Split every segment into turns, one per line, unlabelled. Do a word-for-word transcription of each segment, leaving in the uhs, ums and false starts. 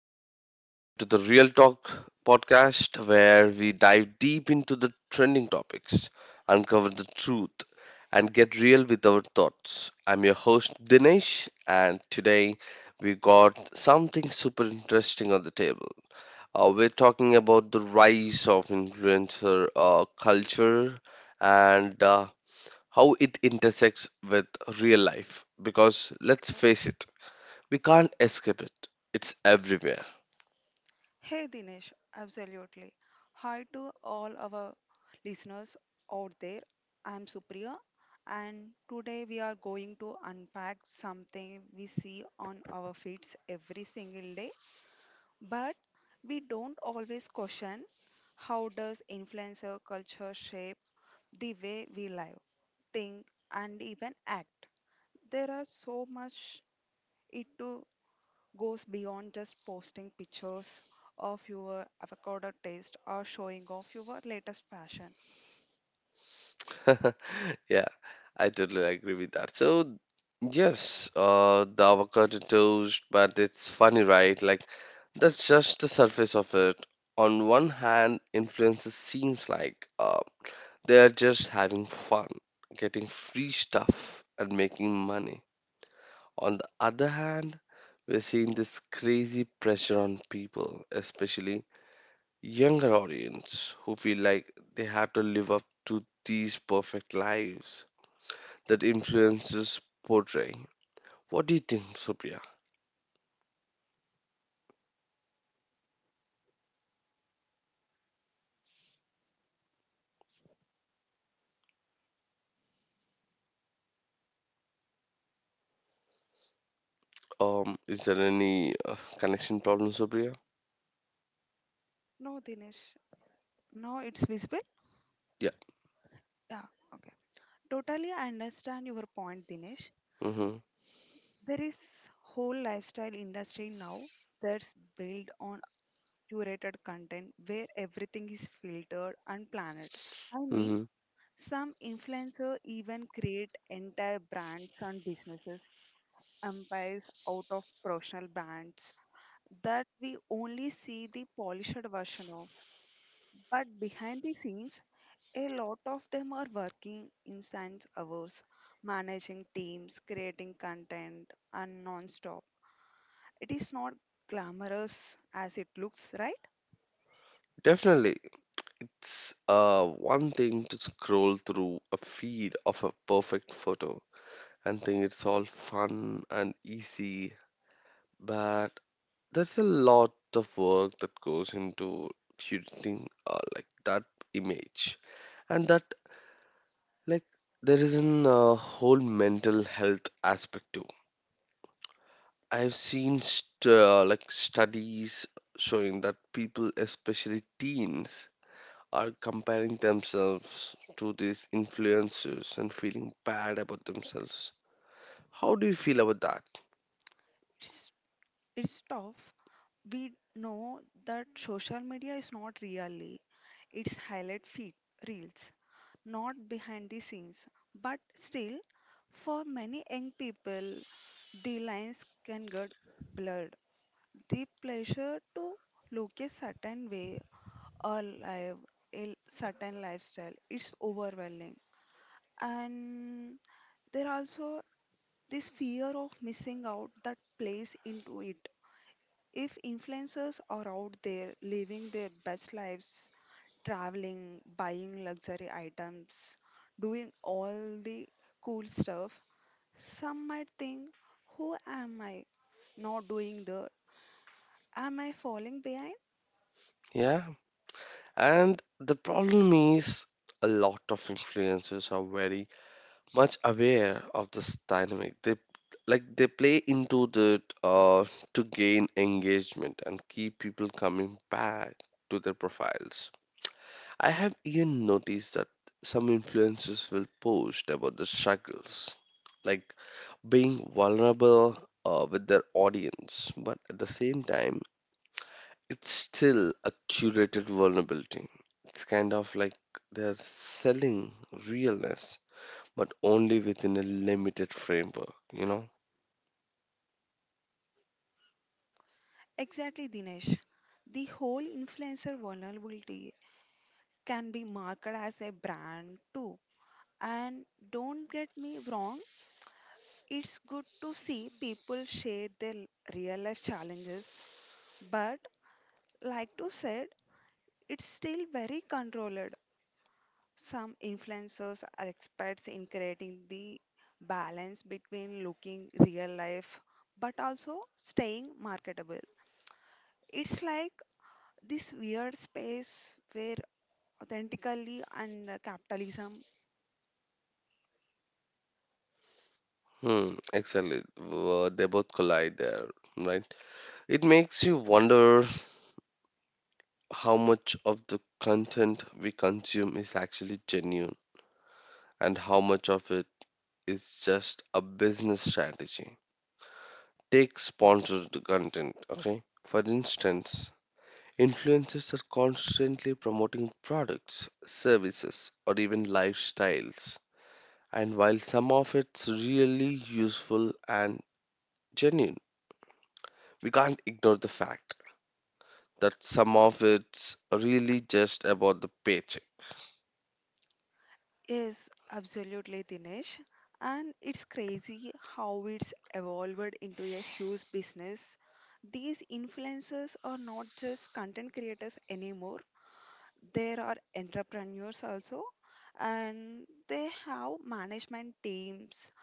everyone, welcome to the Real Talk podcast where we dive deep into the trending topics, uncover the truth, and get real with our thoughts. I'm your host Dinesh, and today we got something super interesting on the table. Uh, we're talking about the rise of influencer uh, culture and uh, how it intersects with real life because let's face it, we can't escape it, it's everywhere.
Hey Dinesh, absolutely. Hi to all our listeners out there. I'm Supriya, and today we are going to unpack something we see on our feeds every single day, but we don't always question, how does influencer culture shape the way we live, think, and even act? There are so much it to goes beyond just posting pictures of your avocado taste or showing off your latest fashion.
Yeah, I totally agree with that. So, yes, uh, the avocado toast, but it's funny, right? Like, that's just the surface of it. On one hand, influencers seems like uh, they're just having fun, getting free stuff, and making money. On the other hand, we're seeing this crazy pressure on people, especially younger audience, who feel like they have to live up to these perfect lives that influences portray. What do you think, Supriya? Um, is there any uh, connection problem, Supriya?
No, Dinesh. No, it's visible.
Yeah.
Yeah, okay. Totally, I understand your point, Dinesh.
Mm-hmm.
There is whole lifestyle industry now that's built on curated content where everything is filtered and planned. I mean,
Mm-hmm.
some influencer even create entire brands and businesses empires out of professional brands that we only see the polished version of. But behind the scenes, a lot of them are working insane hours, managing teams, creating content, and non stop. It is not glamorous as it looks, right?
Definitely. It's uh one thing to scroll through a feed of a perfect photo and think it's all fun and easy, but there's a lot of work that goes into creating uh, like that image, and that like there is an uh, whole mental health aspect too. I've seen st- uh, like studies showing that people, especially teens, are comparing themselves to these influencers and feeling bad about themselves. How do you feel about that?
It's, it's tough, we know that social media is not really its highlight feed reels, not behind the scenes, but still, for many young people, the lines can get blurred. The pleasure to look a certain way or live a certain lifestyle, it's overwhelming. And there also this fear of missing out that plays into it. If influencers are out there living their best lives, traveling, buying luxury items, doing all the cool stuff, some might think, who am I not doing the? Am I falling behind?
Yeah, and the problem is a lot of influencers are very much aware of this dynamic. They like they play into that uh, to gain engagement and keep people coming back to their profiles. I have even noticed that some influencers will post about the struggles, like being vulnerable uh, with their audience, but at the same time, it's still a curated vulnerability. It's kind of like they're selling realness, but only within a limited framework, you know?
Exactly, Dinesh. The whole influencer vulnerability can be marketed as a brand too. And don't get me wrong, it's good to see people share their real life challenges, but like to said, it's still very controlled. Some influencers are experts in creating the balance between looking real life but also staying marketable. It's like this weird space where authentically and uh, capitalism
Hmm, exactly. Uh, they both collide there, right? It makes you wonder how much of the content we consume is actually genuine and how much of it is just a business strategy. Take sponsored content, okay? For instance, influencers are constantly promoting products, services, or even lifestyles. And while some of it's really useful and genuine, we can't ignore the fact that some of it's really just about the paycheck.
is absolutely Dinesh. And it's crazy how it's evolved into a huge business. These influencers are not just content creators anymore, there are entrepreneurs also, and they have management teams,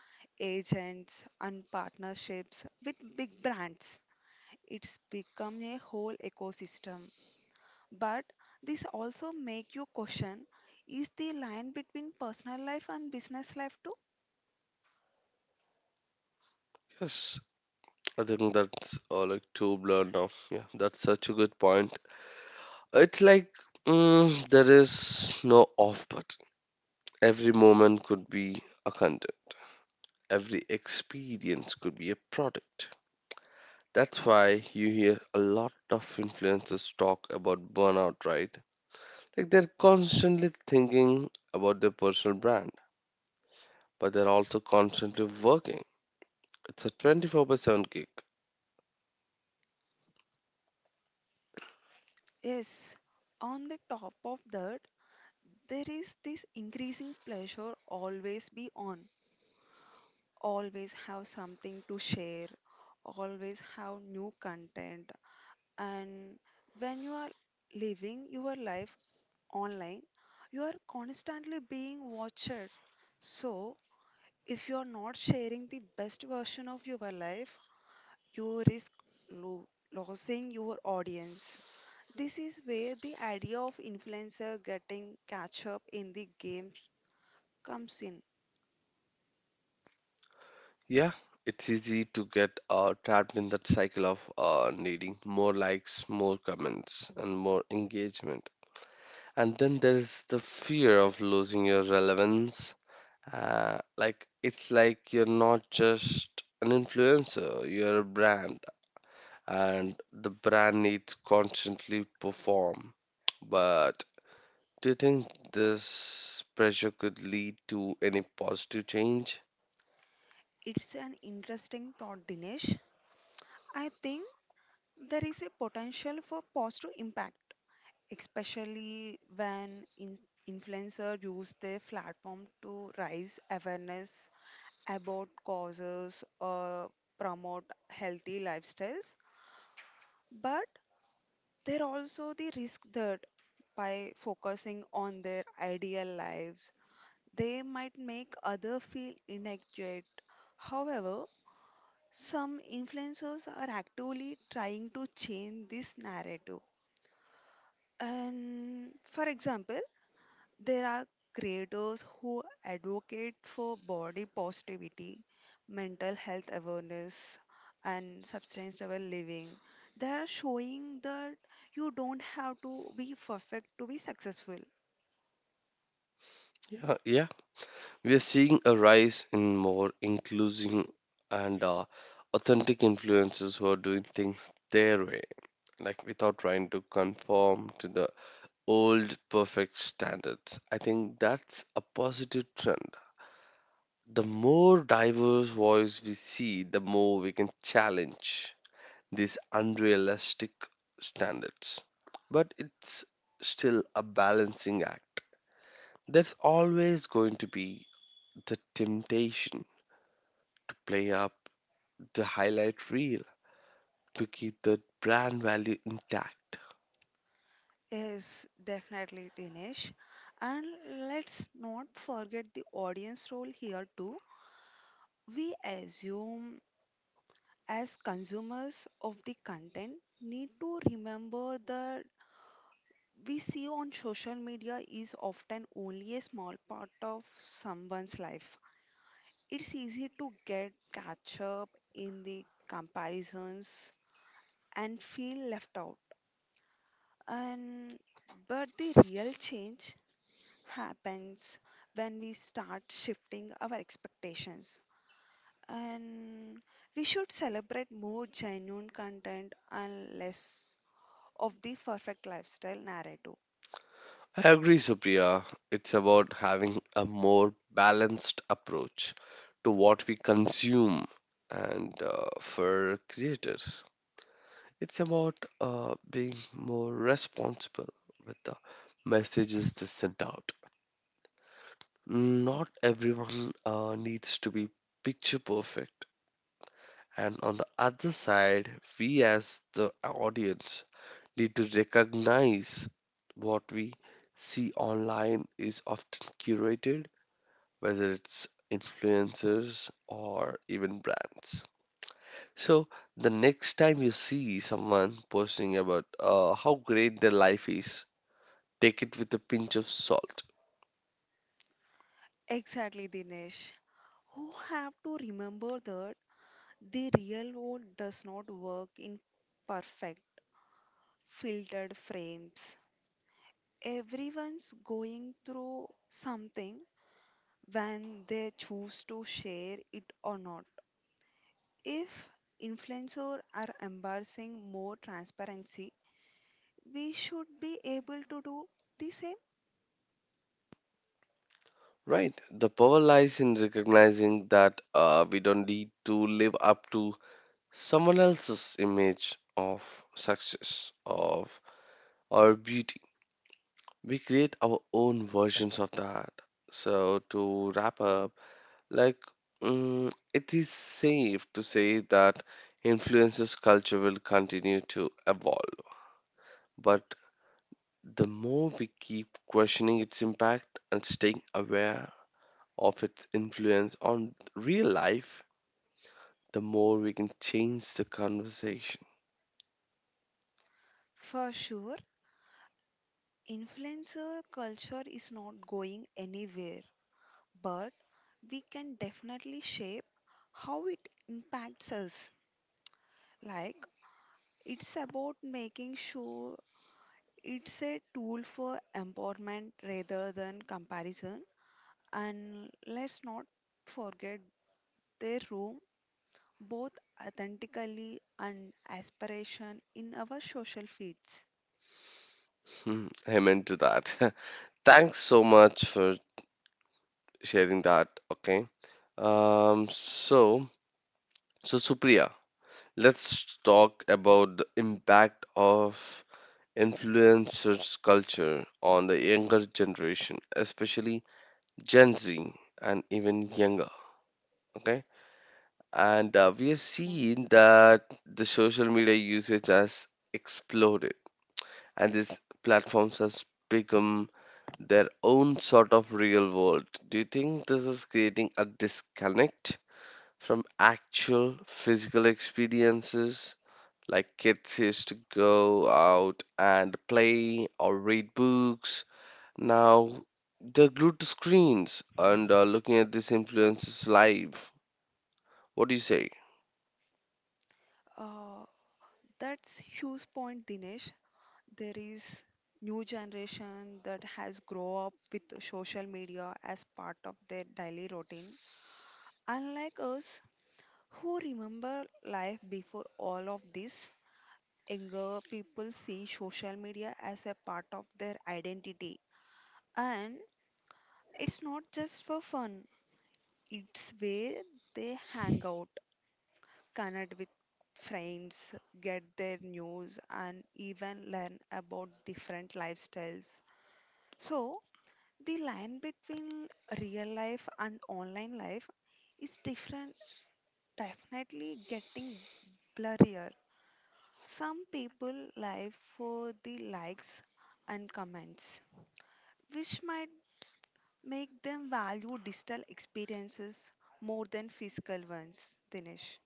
agents and partnerships with big brands. It's become a whole ecosystem, but this also make you question, is the line between personal life and business life too?
Yes, I think that's uh, like too blurred now. Yeah, that's such a good point. It's like mm, there is no off button. Every moment could be a content. Every experience could be a product. That's why you hear a lot of influencers talk about burnout, right? Like they're constantly thinking about their personal brand, but they're also constantly working. It's a twenty-four by seven gig.
Yes, on the top of that, there is this increasing pressure always be on, always have something to share, always have new content. And when you are living your life online, you are constantly being watched. So, if you are not sharing the best version of your life, you risk lo- losing your audience. This is where the idea of influencer getting catch up in the game comes in.
Yeah, it's easy to get uh, trapped in that cycle of uh, needing more likes, more comments, and more engagement. And then there's the fear of losing your relevance. Uh, like, it's like you're not just an influencer, you're a brand, and the brand needs constantly perform. But do you think this pressure could lead to any positive change?
It's an interesting thought, Dinesh. I think there is a potential for positive impact, especially when in- influencers use their platform to raise awareness about causes or promote healthy lifestyles. But there are also the risk that by focusing on their ideal lives, they might make others feel inadequate. However, some influencers are actively trying to change this narrative. And for example, there are creators who advocate for body positivity, mental health awareness, and sustainable living. They are showing that you don't have to be perfect to be successful.
Yeah, yeah, we are seeing a rise in more inclusive and uh, authentic influencers who are doing things their way, like without trying to conform to the old perfect standards. I think that's a positive trend. The more diverse voice we see, the more we can challenge these unrealistic standards. But it's still a balancing act. There's always going to be the temptation to play up the highlight reel to keep the brand value intact.
Yes, definitely, Dinesh. And let's not forget the audience role here too. We assume as consumers of the content need to remember that we see on social media is often only a small part of someone's life. It's easy to get catch up in the comparisons and feel left out. And but the real change happens when we start shifting our expectations. And we should celebrate more genuine content and less of the perfect lifestyle narrative.
I agree, Supriya. It's about having a more balanced approach to what we consume and uh, for creators. It's about uh, being more responsible with the messages they send out. Not everyone uh, needs to be picture perfect. And on the other side, we as the audience need to recognize what we see online is often curated, whether it's influencers or even brands. So, the next time you see someone posting about uh, how great their life is, take it with a pinch of salt.
Exactly, Dinesh. Who have to remember that the real world does not work in perfect filtered frames. Everyone's going through something when they choose to share it or not. If influencers are embracing more transparency, we should be able to do the same.
Right. The power lies in recognizing that uh, we don't need to live up to someone else's image of success of or beauty we create our own versions of that. So, to wrap up, like, mm, it is safe to say that influences culture will continue to evolve, but the more we keep questioning its impact and staying aware of its influence on real life, the more we can change the conversation.
For sure, influencer culture is not going anywhere, but we can definitely shape how it impacts us. Like, it's about making sure it's a tool for empowerment rather than comparison. And let's not forget their room both authentically and aspiration in our social feeds.
Hmm, amen to that. Thanks so much for sharing that. Okay. Um. So, so Supriya, let's talk about the impact of influencers culture on the younger generation, especially Gen Z and even younger. Okay, and uh, we have
Yeah.
seen that the social media usage has exploded, and these platforms has become their own sort of real world. Do you think this is creating a disconnect from actual physical experiences? Like kids used to go out and play or read books. Now they're glued to screens and uh, looking at this influencer's life. What do you say?
Uh, that's huge point, Dinesh. There is new generation that has grow up with social media as part of their daily routine. Unlike us, who remember life before all of this, younger people see social media as a part of their identity. And it's not just for fun, it's where they hang out, connect with friends, get their news, and even learn about different lifestyles. So, the line between real life and online life is different, definitely getting blurrier. Some people live for the likes and comments, which might make them value digital experiences more than physical ones, Dinesh.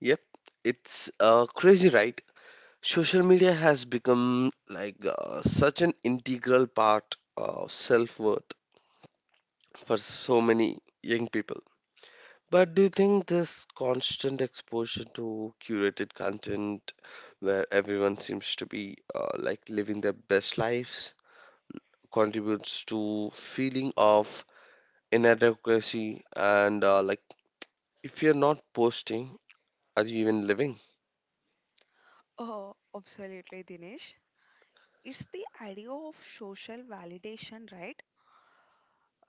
Yep, it's uh, crazy, right? Social media has become like uh, such an integral part of self worth for so many young people. But do you think this constant exposure to curated content where everyone seems to be uh, like living their best lives contributes to feeling of inadequacy and uh, like if you're not posting are you even living?
Oh, absolutely, Dinesh. It's the idea of social validation, right?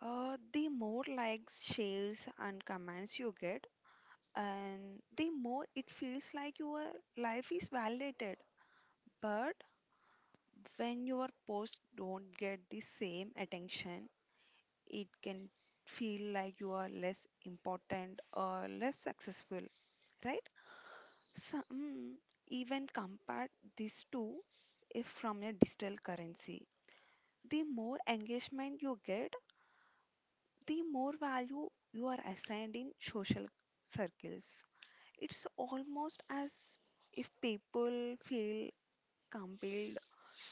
Uh, the more likes, shares, and comments you get, and the more it feels like your life is validated. But when your posts don't get the same attention, it can feel like you are less important or less successful, right? Some even compare this to if from a digital currency. The more engagement you get, the more value you are assigned in social circles. It's almost as if people feel compelled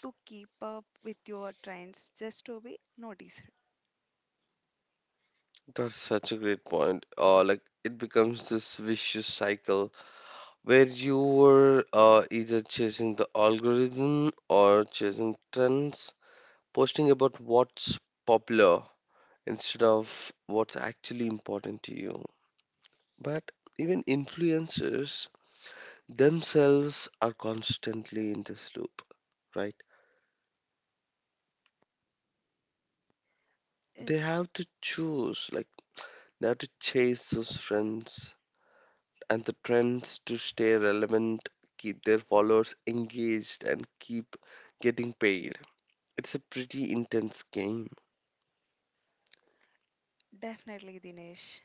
to keep up with your trends just to be noticed.
That's such a great point, uh, like it becomes this vicious cycle where you were uh, either chasing the algorithm or chasing trends posting about what's popular instead of what's actually important to you. But even influencers themselves are constantly in this loop, right? They
It's
have to choose, like, they have to chase those trends and the trends to stay relevant, keep their followers engaged, and keep getting paid. It's a pretty intense game,
definitely Dinesh.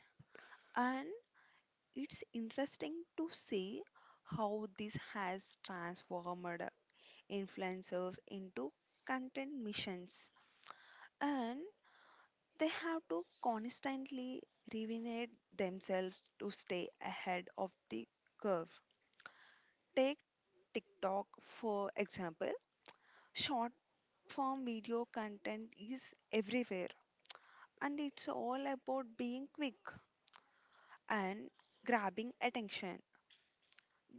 And it's interesting to see how this has transformed influencers into content missions, and they have to constantly reinvent themselves to stay ahead of the curve. Take TikTok, for example, short form video content is everywhere, and it's all about being quick and grabbing attention.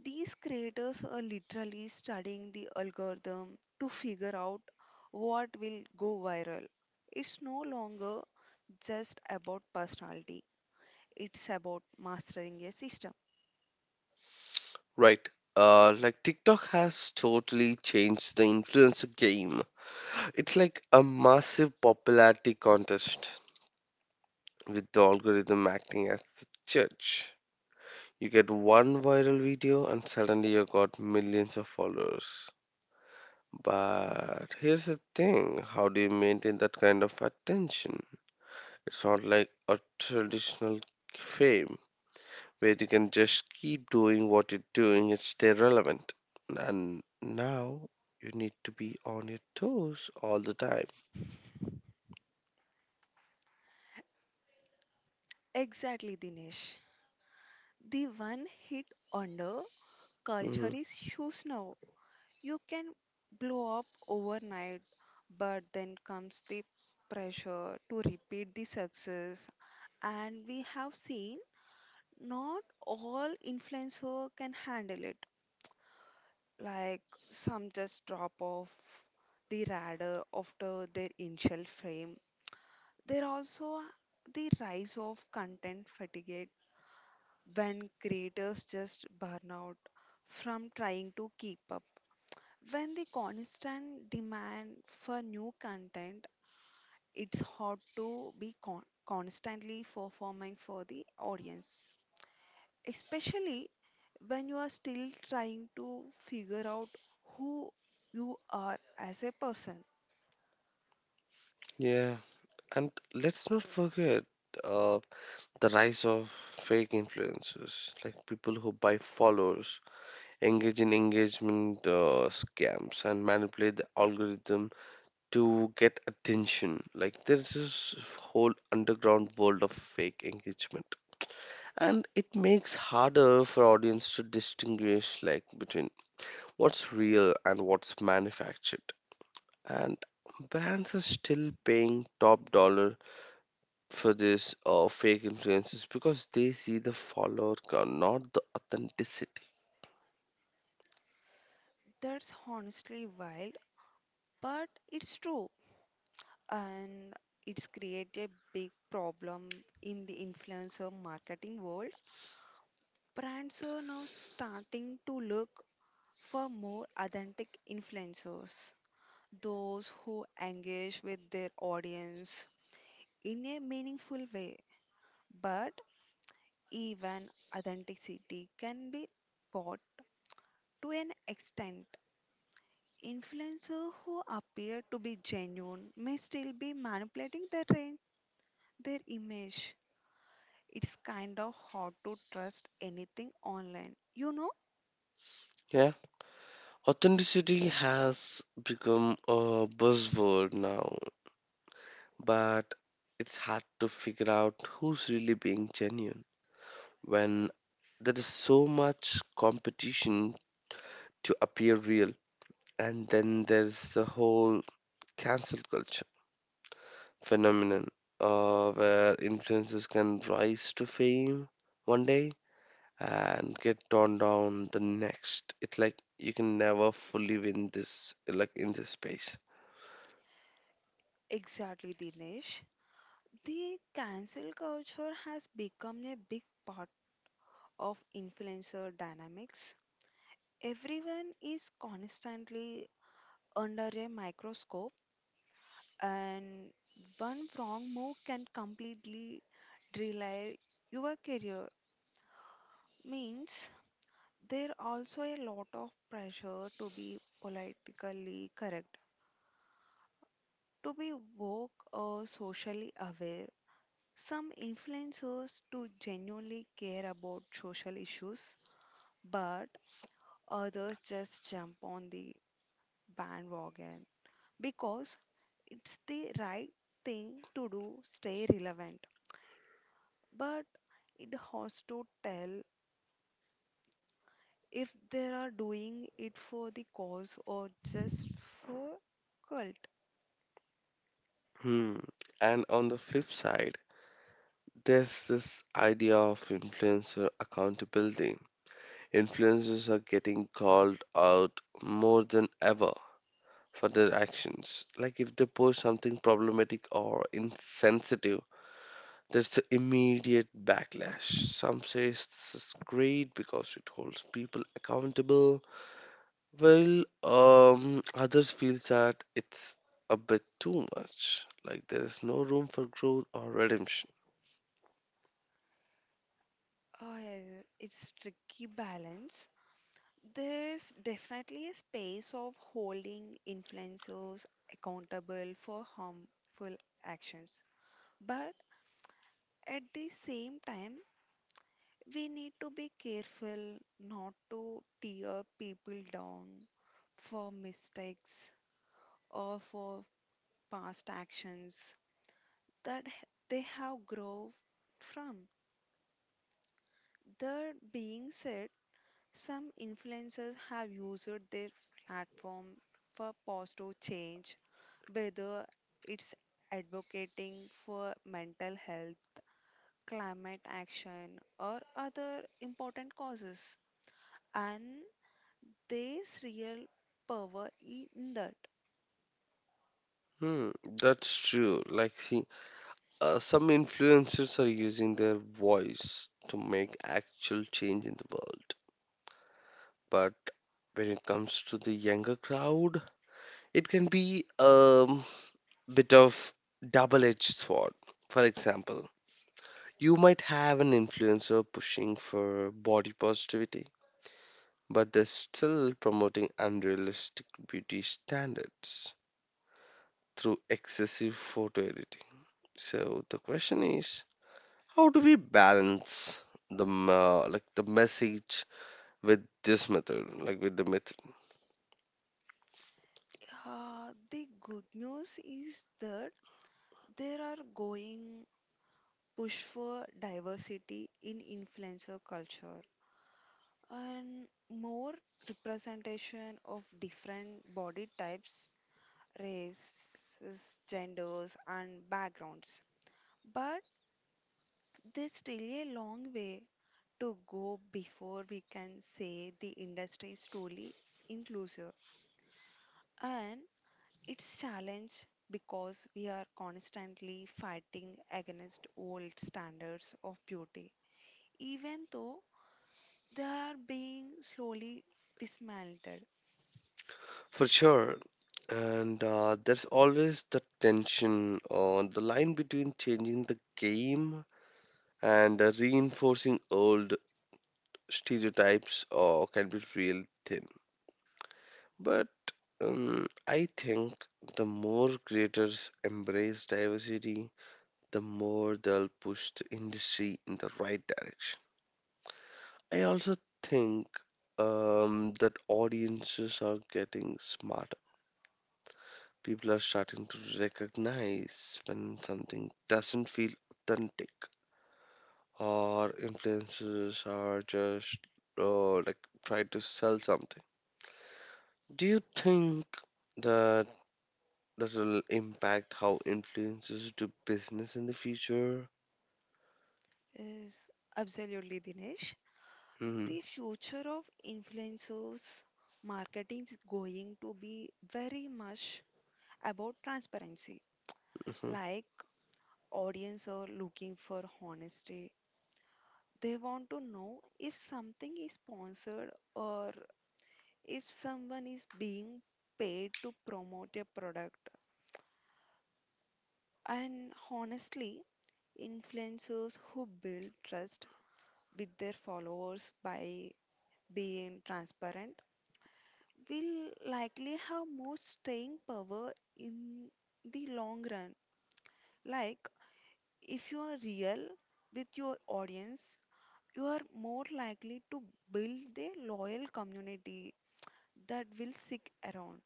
These creators are literally studying the algorithm to figure out what will go viral. It's no longer just about personality, it's about mastering a system.
right? Uh, like TikTok has totally changed the influencer game. It's like a massive popularity contest with the algorithm acting as the judge. You get one viral video and suddenly you got millions of followers. But here's the thing, how do you maintain that kind of attention? It's not like a traditional fame where you can just keep doing what you're doing and stay relevant. And now you need to be on your toes all the time.
Exactly, Dinesh. The one hit under culture
Hmm.
is huge now. You can blow up overnight, but then comes the pressure to repeat the success. And we have seen not all influencer can handle it. Like some just drop off the radar after their initial fame. There also the rise of content fatigue when creators just burn out from trying to keep up. When the constant demand for new content, it's hard to be con- constantly performing for the audience, especially when you are still trying to figure out who you are as a person.
Yeah. And let's not forget uh, the rise of fake influencers, like people who buy followers, engage in engagement uh, scams, and manipulate the algorithm to get attention. Like there's this whole underground world of fake engagement, and it makes harder for audience to distinguish like between what's real and what's manufactured. And brands are still paying top dollar for this uh, fake influencers because they see the follower count, not the authenticity.
That's honestly wild, but it's true. And it's created a big problem in the influencer marketing world. Brands are now starting to look for more authentic influencers, those who engage with their audience in a meaningful way. But even authenticity can be bought to an extent. Influencers who appear to be genuine may still be manipulating their range, their image. It's kind of hard to trust anything online. You know
Yeah, authenticity has become a buzzword now, but it's hard to figure out who's really being genuine when there is so much competition to appear real, and then there's the whole cancel culture phenomenon uh, where influencers can rise to fame one day and get torn down the next. It's like you can never fully win this, like in this space.
exactly, Dinesh. The cancel culture has become a big part of influencer dynamics. Everyone is constantly under a microscope and one wrong move can completely derail your career. Means there also a lot of pressure to be politically correct, to be woke or socially aware. Some influencers do genuinely care about social issues, but others just jump on the bandwagon because it's the right thing to do, stay relevant. But it has to tell if they are doing it for the cause or just for cult.
Hmm. And on the flip side, there's this idea of influencer accountability. Influencers are getting called out more than ever for their actions. Like if they post something problematic or insensitive, there's the immediate backlash. Some say this is great because it holds people accountable. Well, um, others feel that it's a bit too much. Like there is no room for growth or redemption.
Uh, it's tricky balance. There's definitely a space of holding influencers accountable for harmful actions. But at the same time, we need to be careful not to tear people down for mistakes or for past actions that h- they have grown from. That being said, some influencers have used their platform for positive change, whether it's advocating for mental health, climate action, or other important causes. And there's real power in that.
Hmm, that's true. Like, see, uh, some influencers are using their voice to make actual change in the world. But when it comes to the younger crowd, it can be um, bit of double-edged sword. For example, you might have an influencer pushing for body positivity but they're still promoting unrealistic beauty standards through excessive photo editing. So the question is, how do we balance the m- uh, like the message with this method, like with the method?
Uh, the good news is that there are going push for diversity in influencer culture and more representation of different body types, races, genders, and backgrounds. But there's still a long way to go before we can say the industry is truly inclusive. And it's challenge because we are constantly fighting against old standards of beauty, even though they are being slowly dismantled.
For sure, and uh, there's always the tension or the line between changing the game and uh, reinforcing old stereotypes or can be real thin. But Um, I think the more creators embrace diversity, the more they'll push the industry in the right direction. I also think um, that audiences are getting smarter. People are starting to recognize when something doesn't feel authentic, or influencers are just uh, like trying to sell something. Do you think that? that will impact how influences do business in the future.
Is absolutely, Dinesh.
Mhm,
The future of influencers marketing is going to be very much about transparency.
mhm.
Like audience are looking for honesty. They want to know if something is sponsored or if someone is being paid to promote a product. And honestly, influencers who build trust with their followers by being transparent will likely have more staying power in the long run. Like, if you are real with your audience, you are more likely to build a loyal community that will stick around.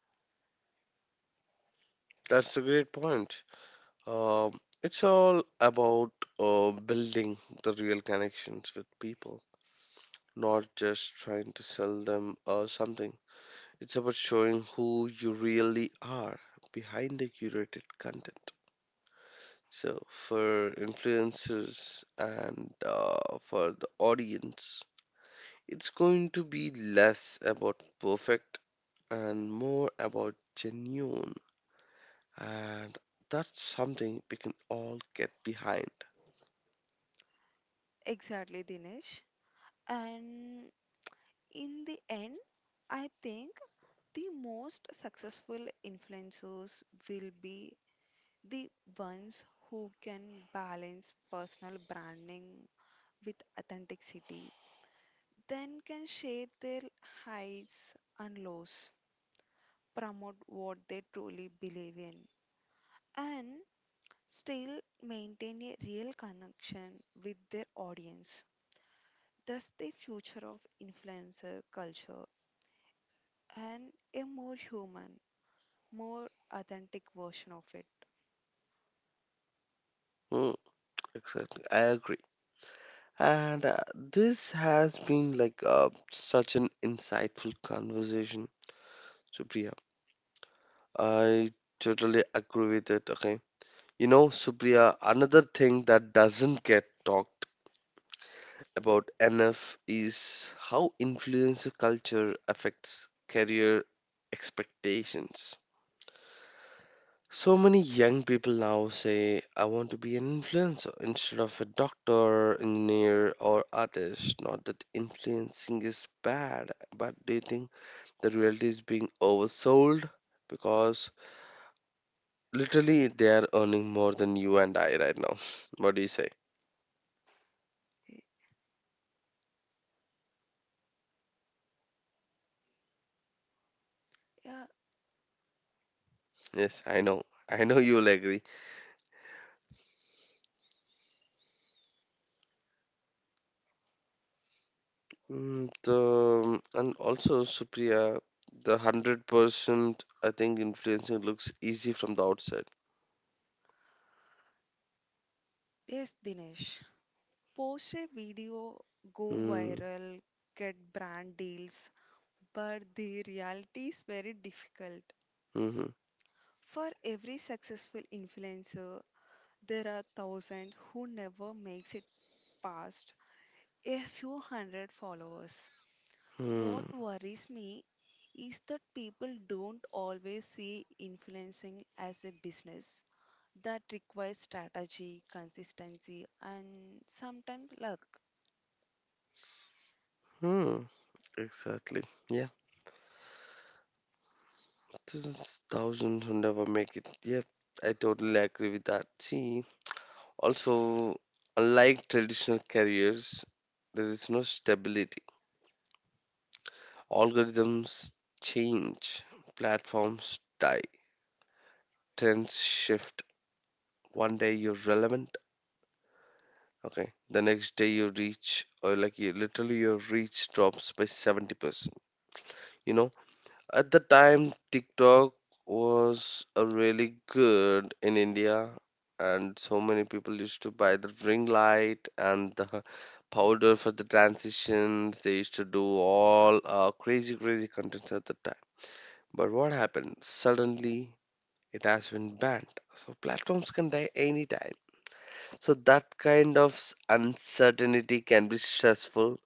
That's a great point. Um, it's all about uh, building the real connections with people, not just trying to sell them uh, something. It's about showing who you really are behind the curated content. So, for influencers and uh, for the audience, it's going to be less about perfect and more about genuine. And that's something we can all get behind.
Exactly, Dinesh. And in the end, I think the most successful influencers will be the ones who can balance personal branding with authenticity. Then can share their highs and lows, promote what they truly believe in, and still maintain a real connection with their audience. Thus, the future of influencer culture and a more human, more authentic version of it.
Mm, exactly. I agree. And uh, this has been like uh, such an insightful conversation, Supriya. I totally agree with it. Okay. You know, Supriya, another thing that doesn't get talked about enough is how influencer culture affects career expectations. So many young people now say, I want to be an influencer instead of a doctor, engineer, or artist. Not that influencing is bad, but do you think the reality is being oversold? Because literally they are earning more than you and I right now. What do you say?
Yeah,
Yes, I know. I know you'll agree. Mm, the, and also, Supriya, the one hundred percent I think influencing looks easy from the outside.
yes, Dinesh. Post a video, go
Mm,
viral, get brand deals, but the reality is very difficult.
mm-hmm.
For every successful influencer, there are thousands who never makes it past a few hundred followers.
Hmm.
What worries me is that people don't always see influencing as a business that requires strategy, consistency, and sometimes luck.
Hmm. Exactly. Yeah. This is thousands who never make it. Yeah. I totally agree with that. See, also, unlike traditional careers, there is no stability. Algorithms change, platforms die, trends shift. One day you're relevant, okay. The next day you reach, or like you literally your reach drops by seventy percent. You know, at the time, TikTok was a really good in India, and so many people used to buy the ring light and the powder for the transitions. They used to do all uh, crazy, crazy contents at the time. But what happened? Suddenly, it has been banned. So platforms can die anytime. So that kind of s- uncertainty can be stressful,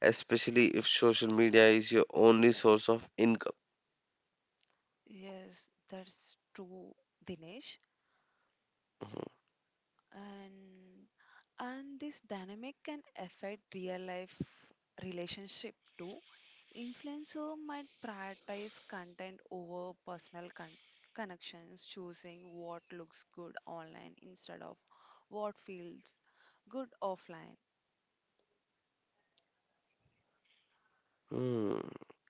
especially if social media is your only source of income.
Yes, that's true, Dinesh. And And this dynamic can affect real life relationship too. Influencer might prioritize content over personal con- connections, choosing what looks good online instead of what feels good offline.
Hmm.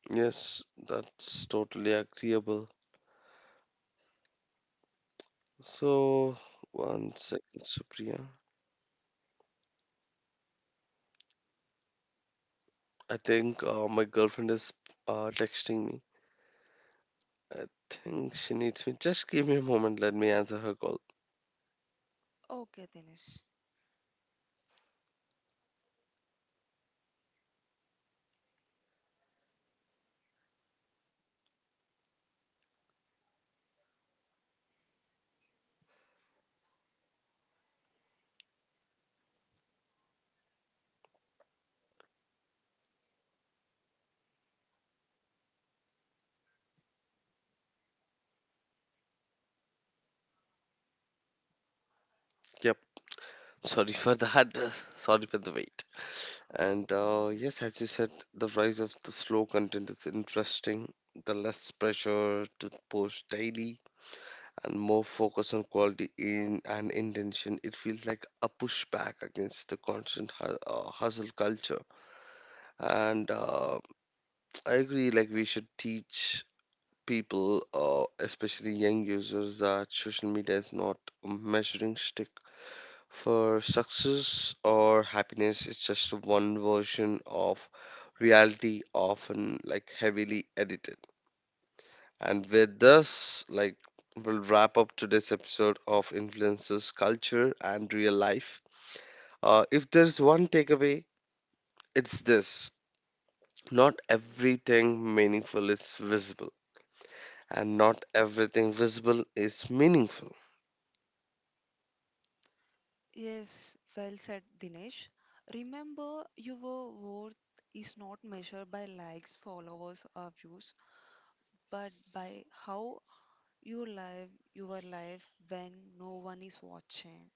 Yes, that's totally agreeable. So, one second, Supriya. I think uh, my girlfriend is uh, texting me. I think she needs me. Just give me a moment. Let me answer her call.
Okay, Dinesh.
Yep. Sorry for that. Sorry for the wait. And
No
uh,
worries.
yes, as you said, the rise of the slow content is interesting. The less pressure to post daily, and more focus on quality in and intention. It feels like a pushback against the constant hu- uh, hustle culture. And uh, I agree, like we should teach people, uh, especially young users, that social media is not a measuring stick for success or happiness. It's just one version of reality, often like heavily edited. And with this, like, we'll wrap up today's episode of Influences Culture and Real Life. Uh, if there's one takeaway, it's this, not everything meaningful is visible, and not everything visible is meaningful.
Yes, well said, Dinesh. Remember, your worth is not measured by likes, followers, or views, but by how you live your life when no one is watching.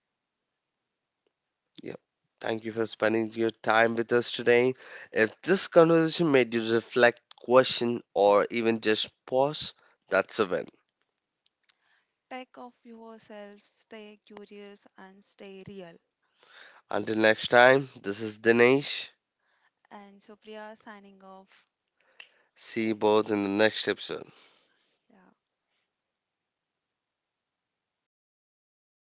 Yep. Thank you for spending your time with us today. If this conversation made you reflect, question, or even just pause, that's a win.
Take off yourself, stay curious, and stay real.
Until next time, this is Dinesh.
And Supriya signing off.
See you both in the next episode.
Yeah.